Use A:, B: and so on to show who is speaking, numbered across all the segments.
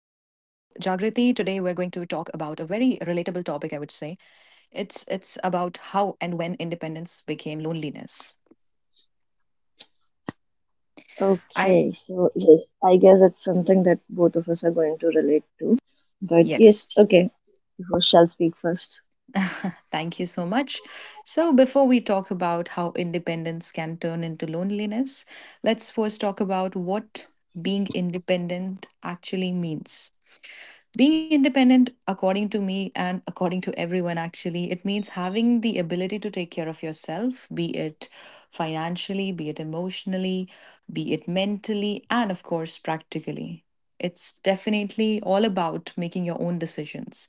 A: very relatable topic, I would say. It's about how and when independence became loneliness. I
B: Okay, so yes, I guess it's something that both of us are going to relate to. But yes,
A: yes.
B: okay, who shall speak first?
A: Thank you so much. So, before we talk about how independence can turn into loneliness, let's first talk about what being independent actually means. Being independent, according to me and according to everyone, actually, it means having the ability to take care of yourself, be it financially, be it emotionally, be it mentally, and of course, practically. It's definitely all about making your own decisions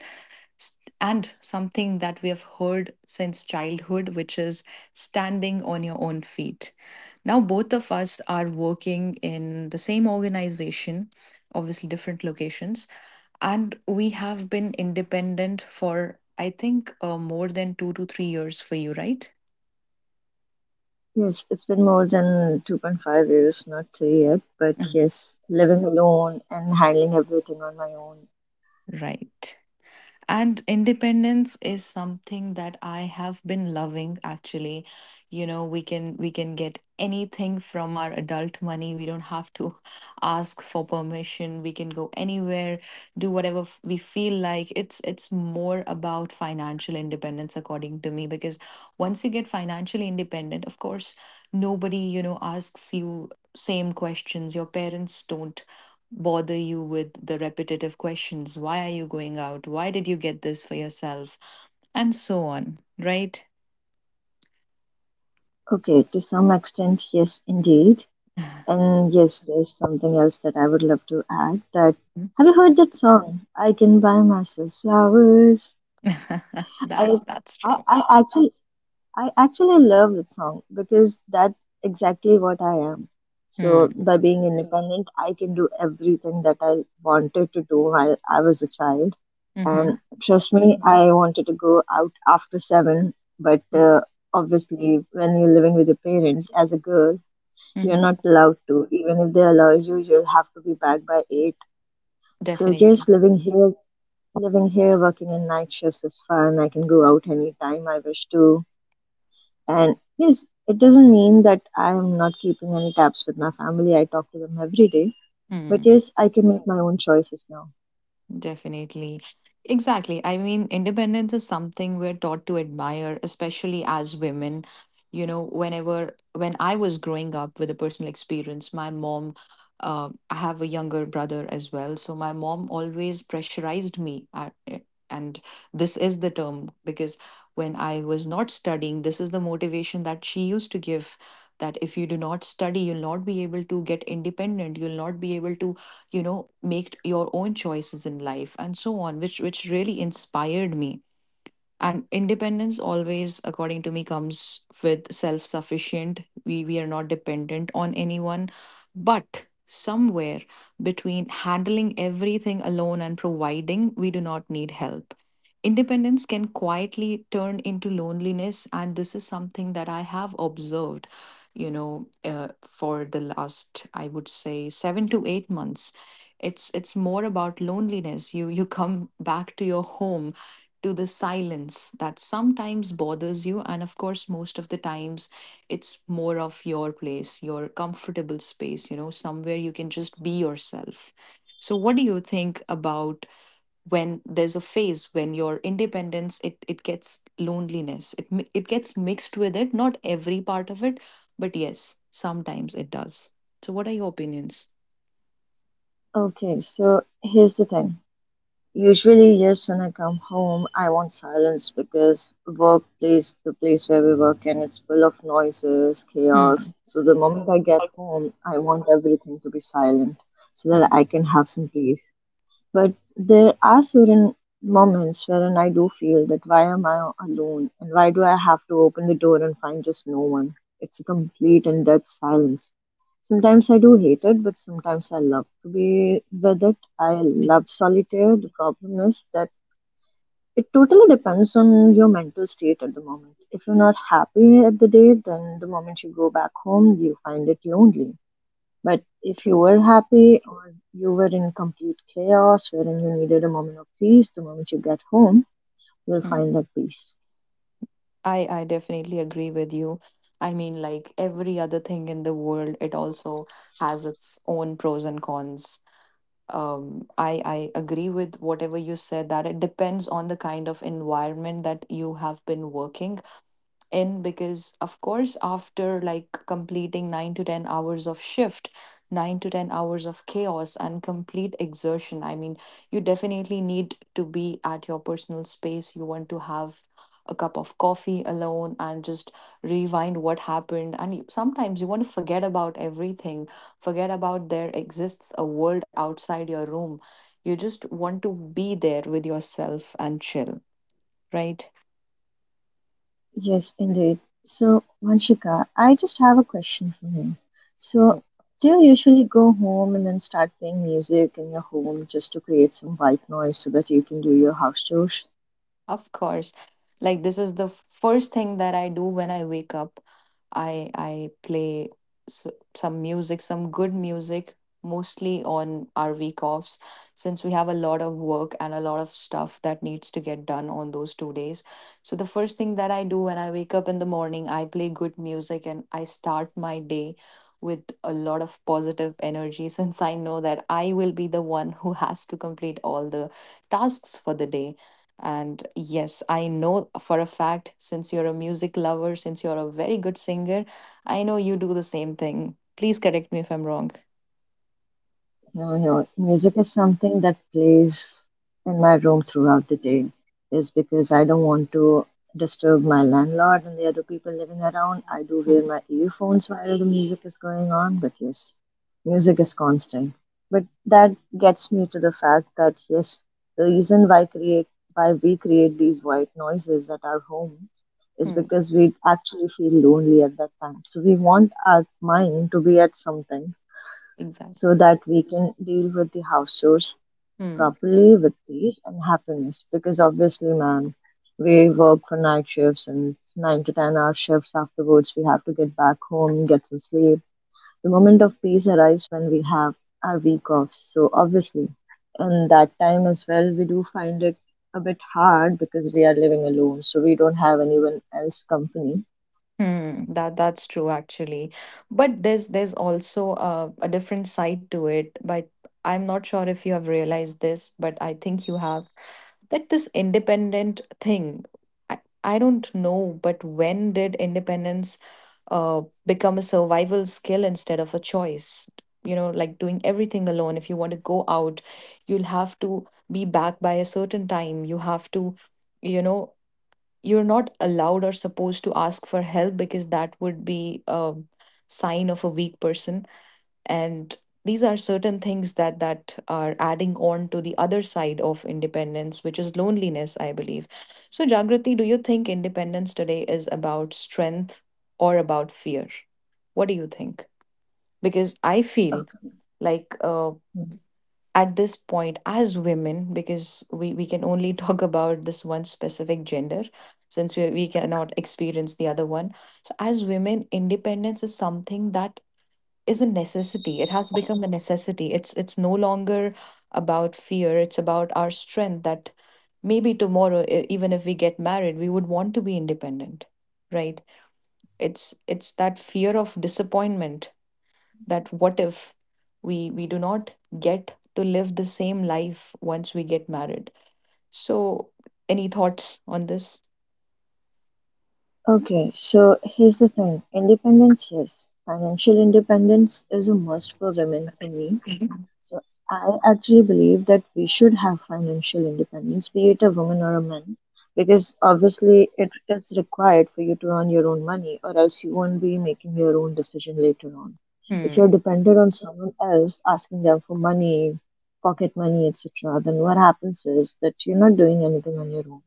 A: and something that we have heard since childhood, which is standing on your own feet. Now, both of us are working in the same organization, obviously, different locations, and we have been independent for, I think, more than 2 to 3 years for you, right?
B: Yes, it's been more than 2.5 years, not three yet, but
A: Mm.
B: yes, living alone and handling everything on my own.
A: Right. And independence is something that I have been loving actually. You know, we can get anything from our adult money. We don't have to ask for permission. We can go anywhere, do whatever we feel like. It's more about financial independence according to me because once you get financially independent, of course, nobody, you know, asks you same questions. Your parents don't bother you with the repetitive questions, why are you going out, why did you get this for yourself, and so on, right?
B: Okay, to some extent, yes, indeed. And yes, there's something else that I would love to add that have you heard that song? I can buy myself flowers.
A: that's
B: I
A: that's
B: I,
A: true.
B: I actually I actually love that song because that's exactly what I am. So
A: Mm.
B: by being independent, I can do everything that I wanted to do while I was a child. And
A: Hmm.
B: trust me, I wanted to go out after 7, but obviously when you're living with your parents as a girl, you're
A: Hmm.
B: not allowed to. Even if they allow you, you'll have to be back by 8. So
A: Definitely.
B: yes, living here, working in night shifts is fun. I can go out anytime I wish to. And yes, it doesn't mean that I am not keeping any tabs with my family. I talk to them every day. But
A: Mm.
B: yes, I can make my own choices now.
A: Definitely. Exactly. I mean, independence is something we're taught to admire, especially as women. You know, when I was growing up with a personal experience, my mom, I have a younger brother as well. So my mom always pressurized me. And this is the term because when I was not studying, this is the motivation that she used to give, that if you do not study, you'll not be able to get independent, you'll not be able to, you know, make your own choices in life, and so on, which really inspired me. And independence, always according to me, comes with self sufficient. We are not dependent on anyone, but somewhere between handling everything alone and providing we do not need help, independence can quietly turn into loneliness. And this is something that I have observed, you know, for the last, I would say, 7 to 8 months. It's more about loneliness. You come back to your home, to the silence that sometimes bothers you. And of course, most of the times it's more of your place, your comfortable space, you know, somewhere you can just be yourself. So, what do you think about when there's a phase when your independence, it gets loneliness, it it gets mixed with it, not every part of it, but yes, sometimes it does. So what are your opinions?
B: Okay, so here's the thing. Usually, yes, when I come home, I want silence because workplace, the place where we work and it's full of noises,
A: Hmm.
B: chaos. So the moment I get home, I want everything to be silent so that
A: Hmm.
B: I can have some peace. But there are certain moments wherein I do feel that why am I alone and why do I have to open the door and find just no one? It's a complete and dead silence. Sometimes I do hate it, but sometimes I love to be with it. I love solitaire. The problem is that it totally depends on your mental state at the moment. If you're not happy at the day, then the moment you go back home, you find it lonely. But if you
A: True.
B: were happy or you were in complete chaos wherein you needed a moment of peace, the moment you get home, you'll
A: Hmm.
B: find that peace.
A: I definitely agree with you. I mean, like every other thing in the world, it also has its own pros and cons. I agree with whatever you said, that it depends on the kind of environment that you have been working in, because of course, after like completing 9 to 10 hours of shift, 9 to 10 hours of chaos and complete exertion, I mean, you definitely need to be at your personal space. You want to have a cup of coffee alone and just rewind what happened, and sometimes you want to forget about everything, forget about there exists a world outside your room. You just want to be there with yourself and chill, right?
B: Yes, indeed. So, Vanshika, I just have a question for you. So, do you usually go home and then start playing music in your home just to create some white noise so that you can do your house chores?
A: Of course. Like this is the first thing that I do when I wake up. I play s- some music, some good music, mostly on our week offs, since we have a lot of work and a lot of stuff that needs to get done on those 2 days. So the first thing that I do when I wake up in the morning, I play good music and I start my day with a lot of positive energy, since I know that I will be the one who has to complete all the tasks for the day. And yes, I know for a fact, since you're a music lover, since you're a very good singer, I know you do the same thing. Please correct me if I'm wrong.
B: No, no, music is something that plays in my room throughout the day. Is because I don't want to disturb my landlord and the other people living around. I do
A: Hmm.
B: wear my earphones while the music is going on, but yes, music is constant. But that gets me to the fact that yes, the reason why create why we create these white noises at our home is
A: Hmm.
B: because we actually feel lonely at that time. So we want our mind to be at something
A: Exactly.
B: so that we can deal with the house chores
A: Hmm.
B: properly with peace and happiness. Because obviously, man, we work for night shifts and 9 to 10 hour shifts afterwards. We have to get back home, get some sleep. The moment of peace arrives when we have our week off. So, obviously, in that time as well, we do find it a bit hard because we are living alone, so we don't have anyone else company.
A: Hmm, that's true actually. But there's also a different side to it, but I'm not sure if you have realized this, but I think you have, that this independent thing. I don't know, but when did independence become a survival skill instead of a choice? You know, like doing everything alone. If you want to go out, you'll have to be back by a certain time. You have to, you know, you're not allowed or supposed to ask for help, because that would be a sign of a weak person, and these are certain things that are adding on to the other side of independence, which is loneliness, I believe. So, Jagriti, do you think independence today is about strength or about fear? What do you think? Because I feel like,
B: Okay.
A: at this point, as women, because we can only talk about this one specific gender, since we cannot experience the other one. So as women, independence is something that is a necessity. It has become a necessity. It's no longer about fear. It's about our strength, that maybe tomorrow, even if we get married, we would want to be independent, right? It's that fear of disappointment, that what if we do not get to live the same life once we get married. So, any thoughts on this?
B: Okay, so here's the thing. Independence, yes. Financial independence is a must for women for me. So I actually believe that we should have financial independence, be it a woman or a man, because obviously it is required for you to earn your own money, or else you won't be making your own decision later on. If
A: Hmm.
B: you're dependent on someone else, asking them for money, pocket money, etc., then what happens is that you're not doing anything on your own.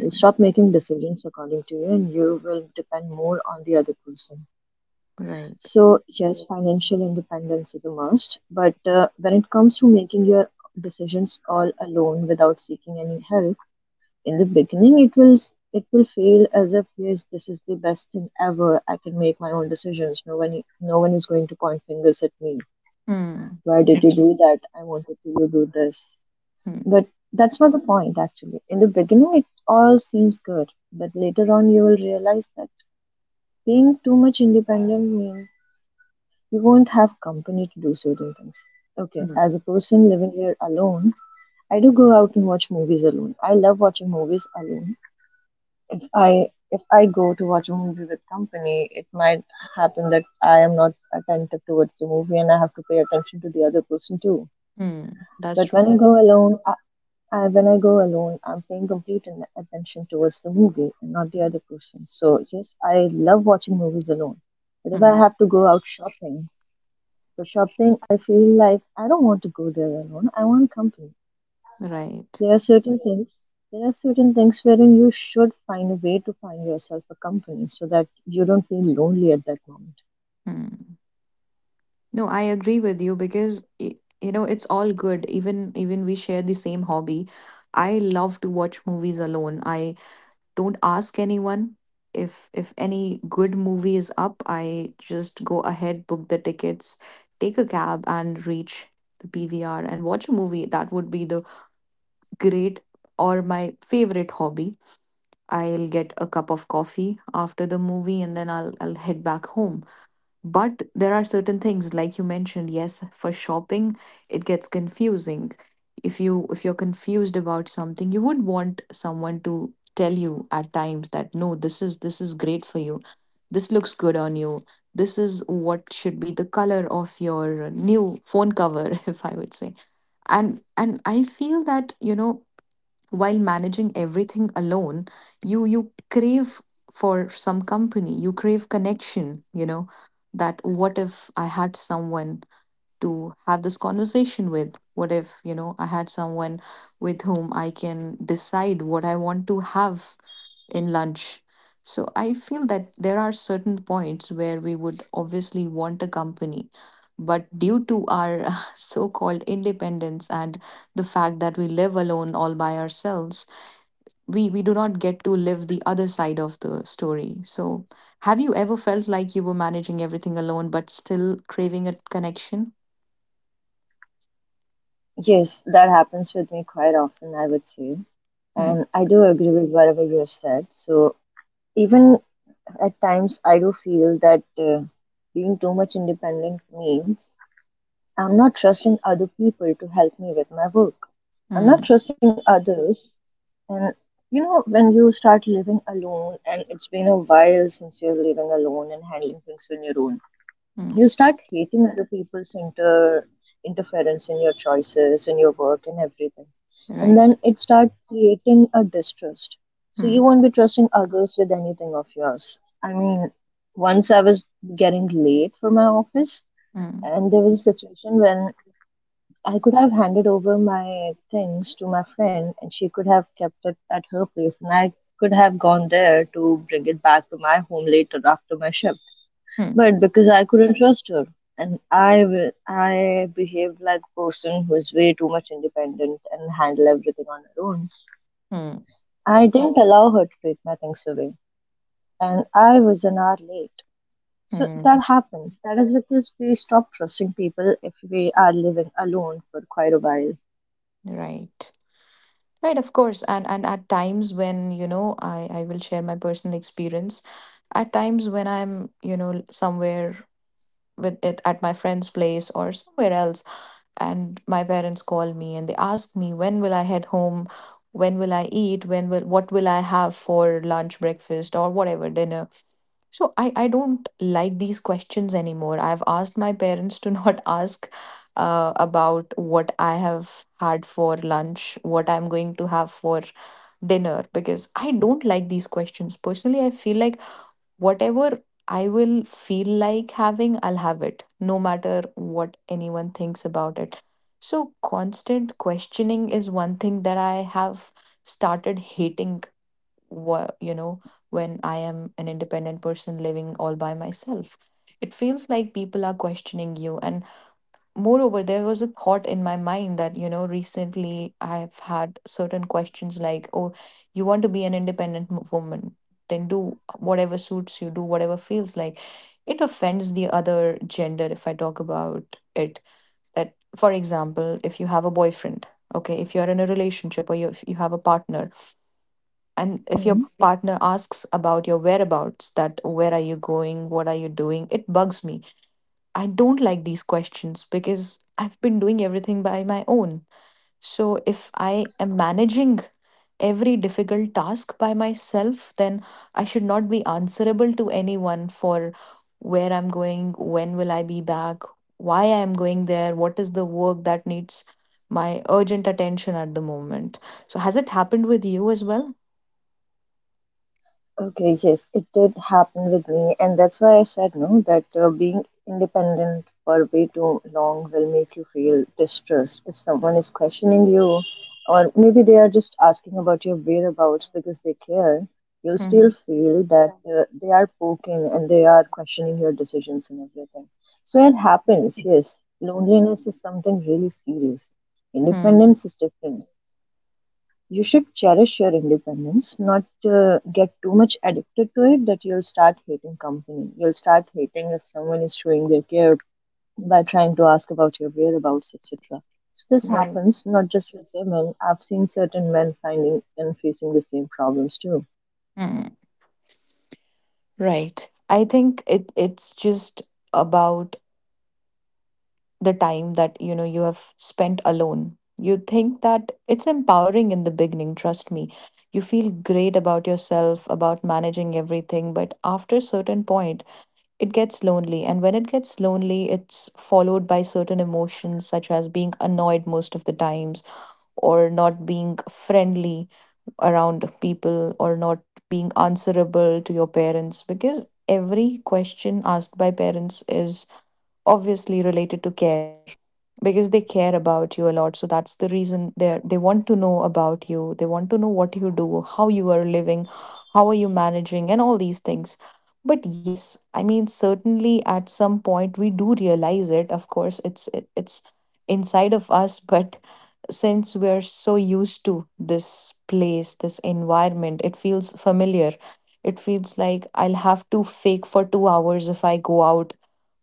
B: You stop making decisions according to you, and you will depend more on the other person.
A: Right.
B: So, yes, financial independence is a must. But when it comes to making your decisions all alone without seeking any help, in the beginning, it will feel as if yes, this is the best thing ever. I can make my own decisions. No one is going to point fingers at me.
A: Hmm.
B: Why did you
A: Yes.
B: do that? I wanted to you do this.
A: Hmm.
B: But that's not the point actually. In the beginning, it all seems good, but later on, you will realize that being too much independent means you won't have company to do certain things. Okay,
A: Hmm.
B: as a person living here alone, I do go out and watch movies alone. I love watching movies alone. If I go to watch a movie with company, it might happen that I am not attentive towards the movie and I have to pay attention to the other person too.
A: Hmm. That's
B: But when
A: true.
B: I go alone, when I go alone, I'm paying complete attention towards the movie and not the other person. So yes, I love watching movies alone. But if I
A: Hmm.
B: have to go out shopping, for shopping, I feel like I don't want to go there alone. I want company.
A: Right.
B: There are certain things. There are certain things wherein you should find a way to find yourself a company so that you don't feel lonely at that moment.
A: Hmm. No, I agree with you because you know, it's all good. Even we share the same hobby. I love to watch movies alone. I don't ask anyone if any good movie is up. I just go ahead, book the tickets, take a cab, and reach the PVR and watch a movie. That would be the great, or my favorite hobby. I'll get a cup of coffee after the movie, and then I'll head back home. But there are certain things, like you mentioned, yes, for shopping, it gets confusing. If you if you're confused about something, you would want someone to tell you at times that no, this is great for you. This looks good on you. This is what should be the color of your new phone cover, if I would say. And I feel that, you know, while managing everything alone, you crave for some company. You crave connection, you know, that what if I had someone to have this conversation with, what if, you know, I had someone with whom I can decide what I want to have in lunch. So I feel that there are certain points where we would obviously want a company, but due to our so called independence and the fact that we live alone all by ourselves, we do not get to live the other side of the story. So, have you ever felt like you were managing everything alone but still craving a connection?
B: Yes, that happens with me quite often, I would say.
A: Hmm.
B: And I do agree with whatever you have said. So even at times, I do feel that being too much independent means I'm not trusting other people to help me with my work. I'm
A: Hmm.
B: not trusting others. And you know, when you start living alone, and it's been a while since you're living alone and handling things on your own,
A: Hmm.
B: you start hating other people's interference in your choices, in your work, and everything. And
A: Right.
B: then it starts creating a distrust. So you
A: Hmm.
B: won't be trusting others with anything of yours. I mean, once I was getting late for my office,
A: Hmm.
B: and there was a situation when I could have handed over my things to my friend and she could have kept it at her place and I could have gone there to bring it back to my home later after my shift.
A: Hmm.
B: But because I couldn't trust her I behaved like a person who is way too much independent and handle everything on her own.
A: Hmm.
B: I didn't allow her to take my things away and I was an hour late. So
A: Hmm.
B: that happens. That is because we stop trusting people if we are living alone for quite a while.
A: Right. Right. Of course. And at times, when you know, I will share my personal experience, at times when I'm, you know, somewhere with it at my friend's place or somewhere else, and my parents call me and they ask me when will I head home, when will I eat, when will what will I have for lunch, breakfast, or whatever, dinner. So I don't like these questions anymore. I've asked my parents to not ask, about what I have had for lunch, what I'm going to have for dinner, because I don't like these questions. Personally, I feel like whatever I will feel like having, I'll have it, no matter what anyone thinks about it. So, constant questioning is one thing that I have started hating, you know, when I am an independent person living all by myself. It feels like people are questioning you, and moreover there was a thought in my mind that, you know, recently I've had certain questions like, oh, you want to be an independent woman, then do whatever suits you, do whatever feels like. It offends the other gender if I talk about it. That, for example, if you have a boyfriend, okay, if you're in a relationship or you, if you have a partner, and if your
B: Hmm.
A: partner asks about your whereabouts, that where are you going, what are you doing, it bugs me. I don't like these questions because I've been doing everything by my own. So if I am managing every difficult task by myself, then I should not be answerable to anyone for where I'm going, when will I be back, why I am going there, what is the work that needs my urgent attention at the moment. So, has it happened with you as well?
B: Okay, yes, it did happen with me, and that's why I said no, that being independent for way too long will make you feel distressed if someone is questioning you, or maybe they are just asking about your whereabouts because they care. You'll still
A: Mhm.
B: feel that they are poking and they are questioning your decisions and everything. So it happens, yes. Loneliness is something really serious.
A: Hmm.
B: Independence is different. You should cherish your independence, not get too much addicted to it that you'll start hating company. You'll start hating if someone is showing their care by trying to ask about your whereabouts, etc. So this
A: Right.
B: happens not just with women. I've seen certain men finding and facing the same problems too.
A: Mm. Right. I think it's just about the time that, you know, you have spent alone. You think that it's empowering in the beginning, trust me. You feel great about yourself, about managing everything, but after a certain point, it gets lonely. And when it gets lonely, it's followed by certain emotions such as being annoyed most of the times, or not being friendly around people, or not being answerable to your parents, because every question asked by parents is obviously related to care, because they care about you a lot, so that's the reason they want to know about you, they want to know what you do, how you are living, how are you managing, and all these things. But yes, I mean, certainly at some point we do realize it. Of course it's inside of us, but since we're so used to this place, this environment, it feels familiar. It feels like I'll have to fake for 2 hours if I go out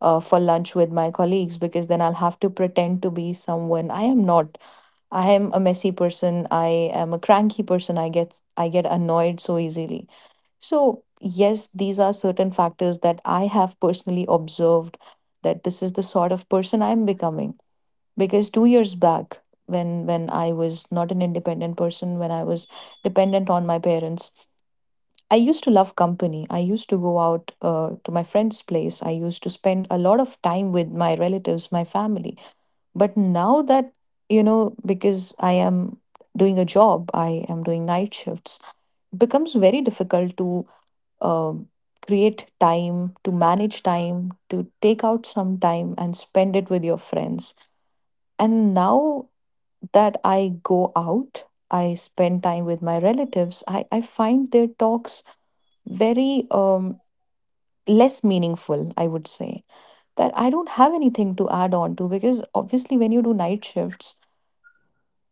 A: for lunch with my colleagues, because then I'll have to pretend to be someone I am not. I am a messy person. I am a cranky person. I get annoyed so easily. So yes, these are certain factors that I have personally observed, that this is the sort of person I'm becoming. Because 2 years back, when I was not an independent person, when I was dependent on my parents, I used to love company. I used to go out to my friend's place. I used to spend a lot of time with my relatives, my family. But now that, you know, because I am doing a job, I am doing night shifts, it becomes very difficult to um, create time, to manage time, to take out some time and spend it with your friends. And now that I go out, I spend time with my relatives, I find their talks very less meaningful, I would say, that I don't have anything to add on to, because obviously, when you do night shifts,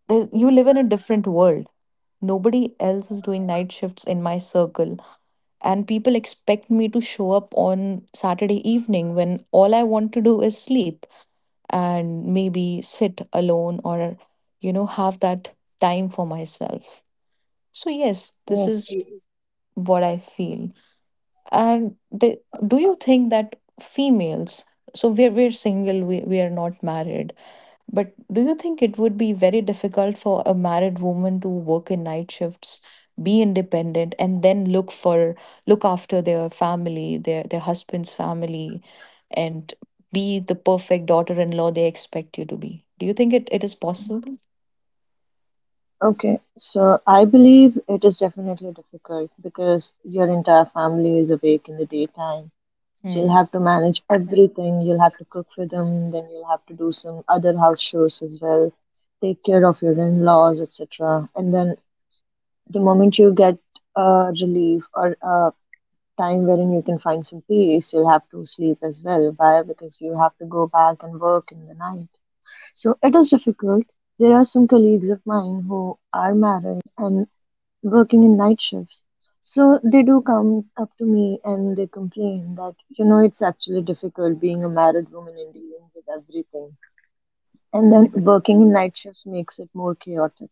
A: you live in a different world. Nobody else is doing night shifts in my circle, and people expect me to show up on Saturday evening when all I want to do is sleep and maybe sit alone or, you know, have that time for myself. So, yes, this
B: Yes,
A: is what I feel. And they, do you think that females, so we're single, we are not married, but do you think it would be very difficult for a married woman to work in night shifts, be independent, and then look look after their family, their husband's family, and be the perfect daughter in law they expect you to be? Do you think it is possible?
B: okay, so I believe it is definitely difficult because your entire family is awake in the daytime. So
A: Hmm.
B: you'll have to manage everything. You'll have to cook for them, then you'll have to do some other house chores as well, take care of your in-laws, etc. And then the moment you get a relief or a time wherein you can find some peace, you'll have to sleep as well. Why? Because you have to go back and work in the night. So it is difficult. There are some colleagues of mine who are married and working in night shifts. So they do come up to me and they complain that, you know, it's actually difficult being a married woman and dealing with everything. And then working in night shifts makes it more chaotic.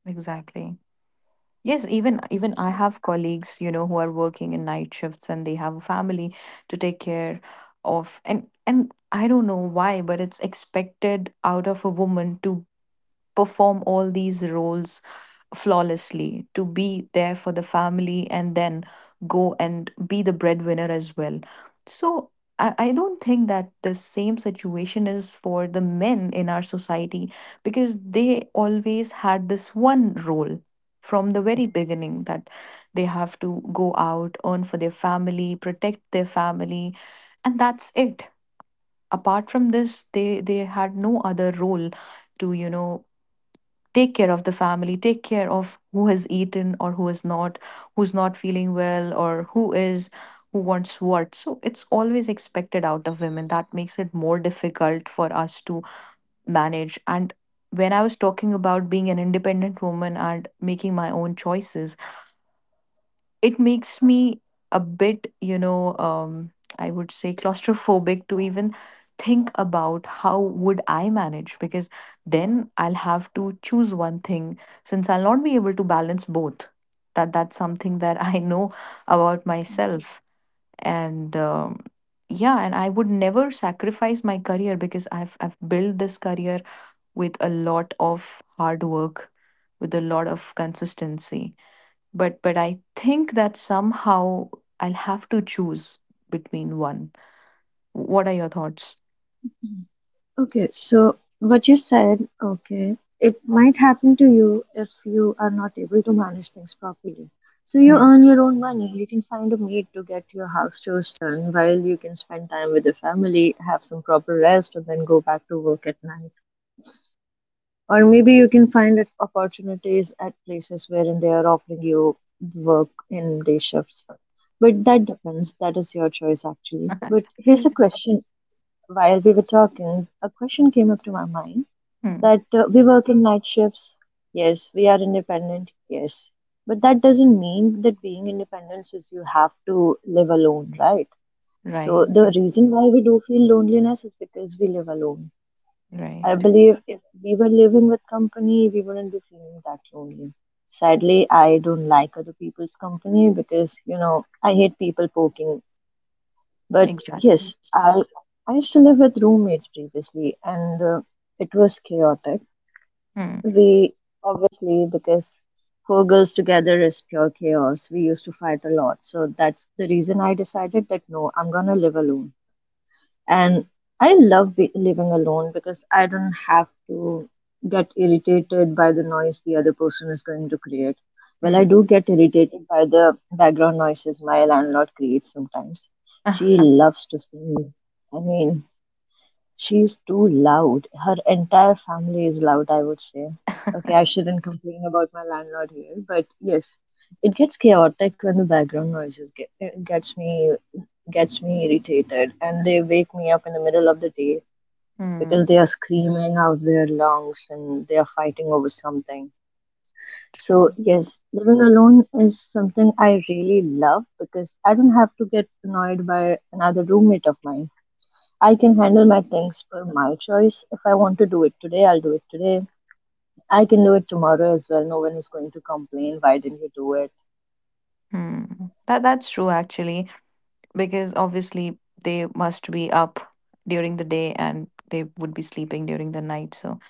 A: Exactly. Yes, even I have colleagues, you know, who are working in night shifts and they have a family to take care of. And I don't know why, but it's expected out of a woman to perform all these roles flawlessly, to be there for the family and then go and be the breadwinner as well. So I don't think that the same situation is for the men in our society, because they always had this one role from the very beginning, that they have to go out, earn for their family, protect their family, and that's it. Apart from this, they had no other role to, you know, take care of the family, take care of who has eaten or who has not, who's not feeling well or who is, who wants what. So it's always expected out of women, that makes it more difficult for us to manage. And when I was talking about being an independent woman and making my own choices, it makes me a bit, you know, I would say claustrophobic to even think about how would I manage, because then I'll have to choose one thing, since I'll not be able to balance both. That's something that I know about myself, and yeah, and I would never sacrifice my career, because I've built this career with a lot of hard work, with a lot of consistency. But I think that somehow I'll have to choose between one. What are your thoughts?
B: Mhm. Okay, so what you said, okay, it might happen to you if you are not able to manage things properly. So you
A: Hmm.
B: earn your own money, you can find a maid to get your house chores done while you can spend time with the family, have some proper rest, and then go back to work at night. Or maybe you can find it opportunities at places wherein they are offering you work in day shifts. But that depends. That is your choice, actually. But here's a question. While we were talking, a question came up to my mind
A: Hmm.
B: that we work in night shifts. Yes, we are independent. Yes. But that doesn't mean that being independent is you have to live alone, right?
A: Right.
B: So the reason why we do feel loneliness is because we live alone. I
A: Right.
B: believe if we were living with company, we wouldn't be feeling that lonely. Sadly, I don't like other people's company because, you know, I hate people poking. But
A: Exactly.
B: yes, I used to live with roommates previously, and it was chaotic.
A: Hmm.
B: We obviously because four girls together is pure chaos. We used to fight a lot, so that's the reason I decided that no, I'm gonna live alone and I love living alone because I don't have to get irritated by the noise the other person is going to create. Well, I
A: Hmm.
B: do get irritated by the background noises my landlord creates sometimes. She loves to sing. I mean, she's too loud. Her entire family is loud, I would say. Okay, I shouldn't complain about my landlord here, but yes, it gets chaotic when the background noises gets me irritated, and they wake me up in the middle of the day
A: Hmm.
B: because they are screaming out their lungs and they are fighting over something. So
A: True.
B: yes, living alone is something I really love because I don't have to get annoyed by another roommate of mine. I can handle
A: That's-
B: my things for my choice. If I want to do it today, I'll do it today. I can do it tomorrow as well. No one is going to complain. Why didn't you do it?
A: Hmm. That's true actually, because obviously they must be up during the day and they would be sleeping during the night. So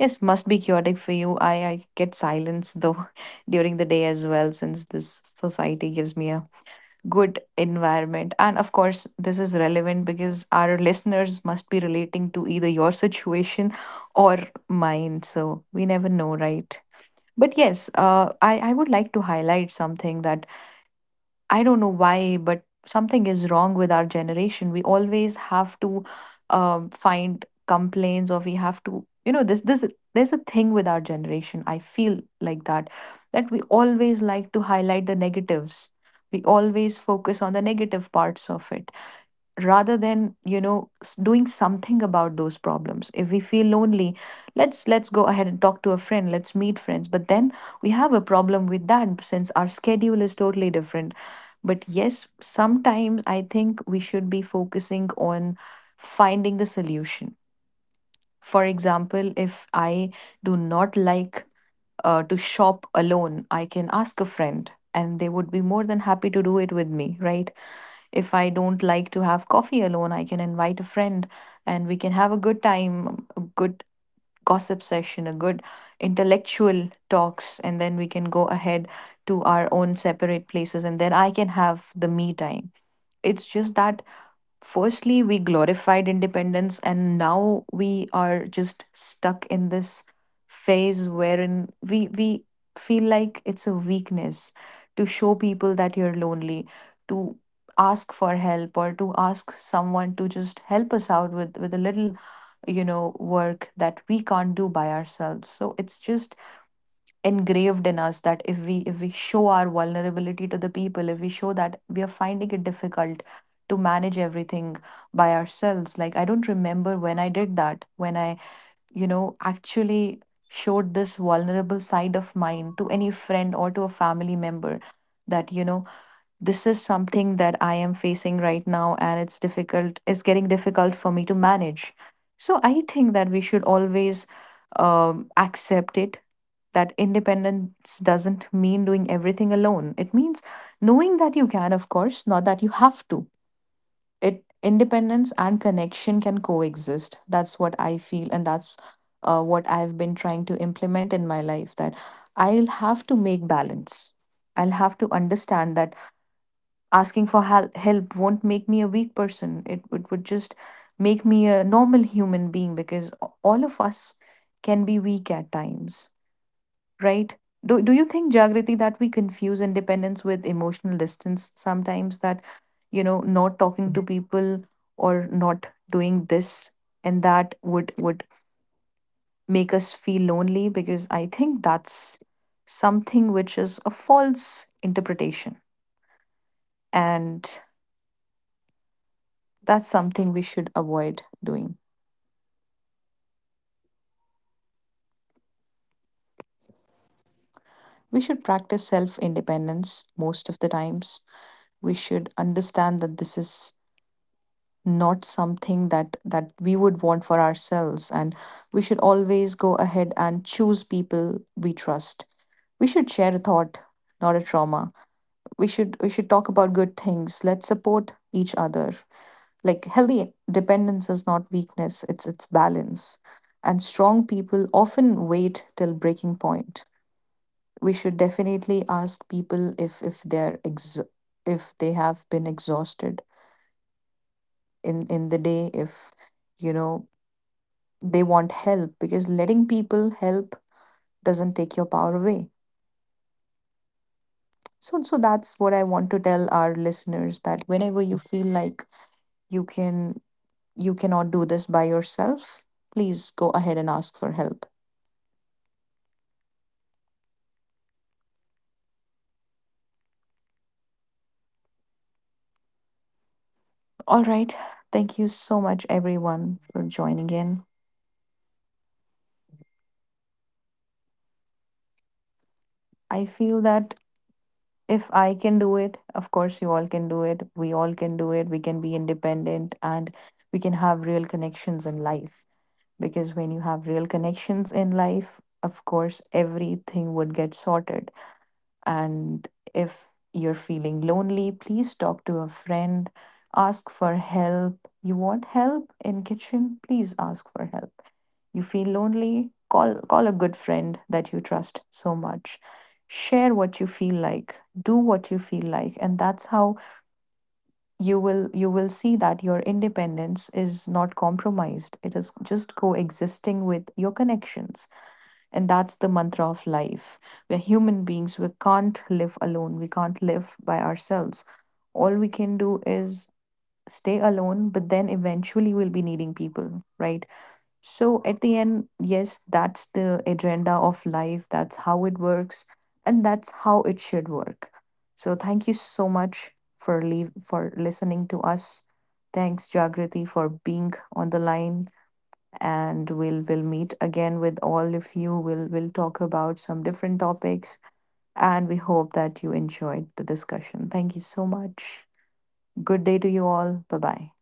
A: yes, must be chaotic for you. I get silence though during the day as well, since this society gives me a good environment. And of course, this is relevant because our listeners must be relating to either your situation or mine. So we never know, right? But yes, I would like to highlight something, that I don't know why, but something is wrong with our generation. We always have to find complaints, or we have to, you know, this there's a thing with our generation. I feel like that we always like to highlight the negatives. We always focus on the negative parts of it rather than, you know, doing something about those problems. If we feel lonely, let's go ahead and talk to a friend, let's meet friends, but then we have a problem with that since our schedule is totally different. But yes, sometimes I think we should be focusing on finding the solution. For example, if I do not like to shop alone, I can ask a friend and they would be more than happy to do it with me, right? If I don't like to have coffee alone, I can invite a friend and we can have a good time, a good gossip session, a good intellectual talks, and then we can go ahead to our own separate places, and then I can have the me time. It's just that firstly we glorified independence, and now we are just stuck in this phase wherein we feel like it's a weakness to show people that you're lonely, to ask for help, or to ask someone to just help us out with a little, you know, work that we can't do by ourselves. So it's just engraved in us that if we show our vulnerability to the people, if we show that we are finding it difficult to manage everything by ourselves, like I don't remember when I did that, when I, you know, actually showed this vulnerable side of mine to any friend or to a family member, that, you know, this is something that I am facing right now, and it's difficult, it's getting difficult for me to manage. So I think that we should always accept it, that independence doesn't mean doing everything alone. It means knowing that you can, of course, not that you have to. It independence and connection can coexist. That's what I feel, and that's what I've been trying to implement in my life. That I'll have to make balance. I'll have to understand that asking for help won't make me a weak person, it would just make me a normal human being, because all of us can be weak at times, right? Do you think, Jagriti, that we confuse independence with emotional distance sometimes, that, you know, not talking to people or not doing this and that would make us feel lonely? Because I think that's something which is a false interpretation. And that's something we should avoid doing. We should practice self independence most of the times. We should understand that this is not something that we would want for ourselves, and we should always go ahead and choose people we trust. We should share a thought, not a trauma. We should talk about good things. Let's support each other. Like, healthy dependence is not weakness, it's balance. And strong people often wait till breaking point. We should definitely ask people if they're if they have been exhausted in the day, if, you know, they want help, because letting people help doesn't take your power away. So that's what I want to tell our listeners, that whenever you feel like you can you cannot do this by yourself, please go ahead and ask for help. All right. Thank you so much everyone for joining in. I feel that if I can do it, of course, you all can do it. We all can do it. We can be independent and we can have real connections in life. Because when you have real connections in life, of course, everything would get sorted. And if you're feeling lonely, please talk to a friend, ask for help. You want help in kitchen? Please ask for help. You feel lonely? Call a good friend that you trust so much. Share what you feel like, do what you feel like, and that's how you will see that your independence is not compromised. It is just coexisting with your connections. And that's the mantra of life. We're human beings. We can't live alone. We can't live by ourselves. All we can do is stay alone, but then eventually we'll be needing people, right? So at the end, yes, that's the agenda of life. That's how it works, and that's how it should work. So thank you so much for leave for listening to us. Thanks, Jagriti, for being on the line, and we'll meet again with all of you. We'll talk about some different topics, and we hope that you enjoyed the discussion. Thank you so much. Good day to you all. Bye bye.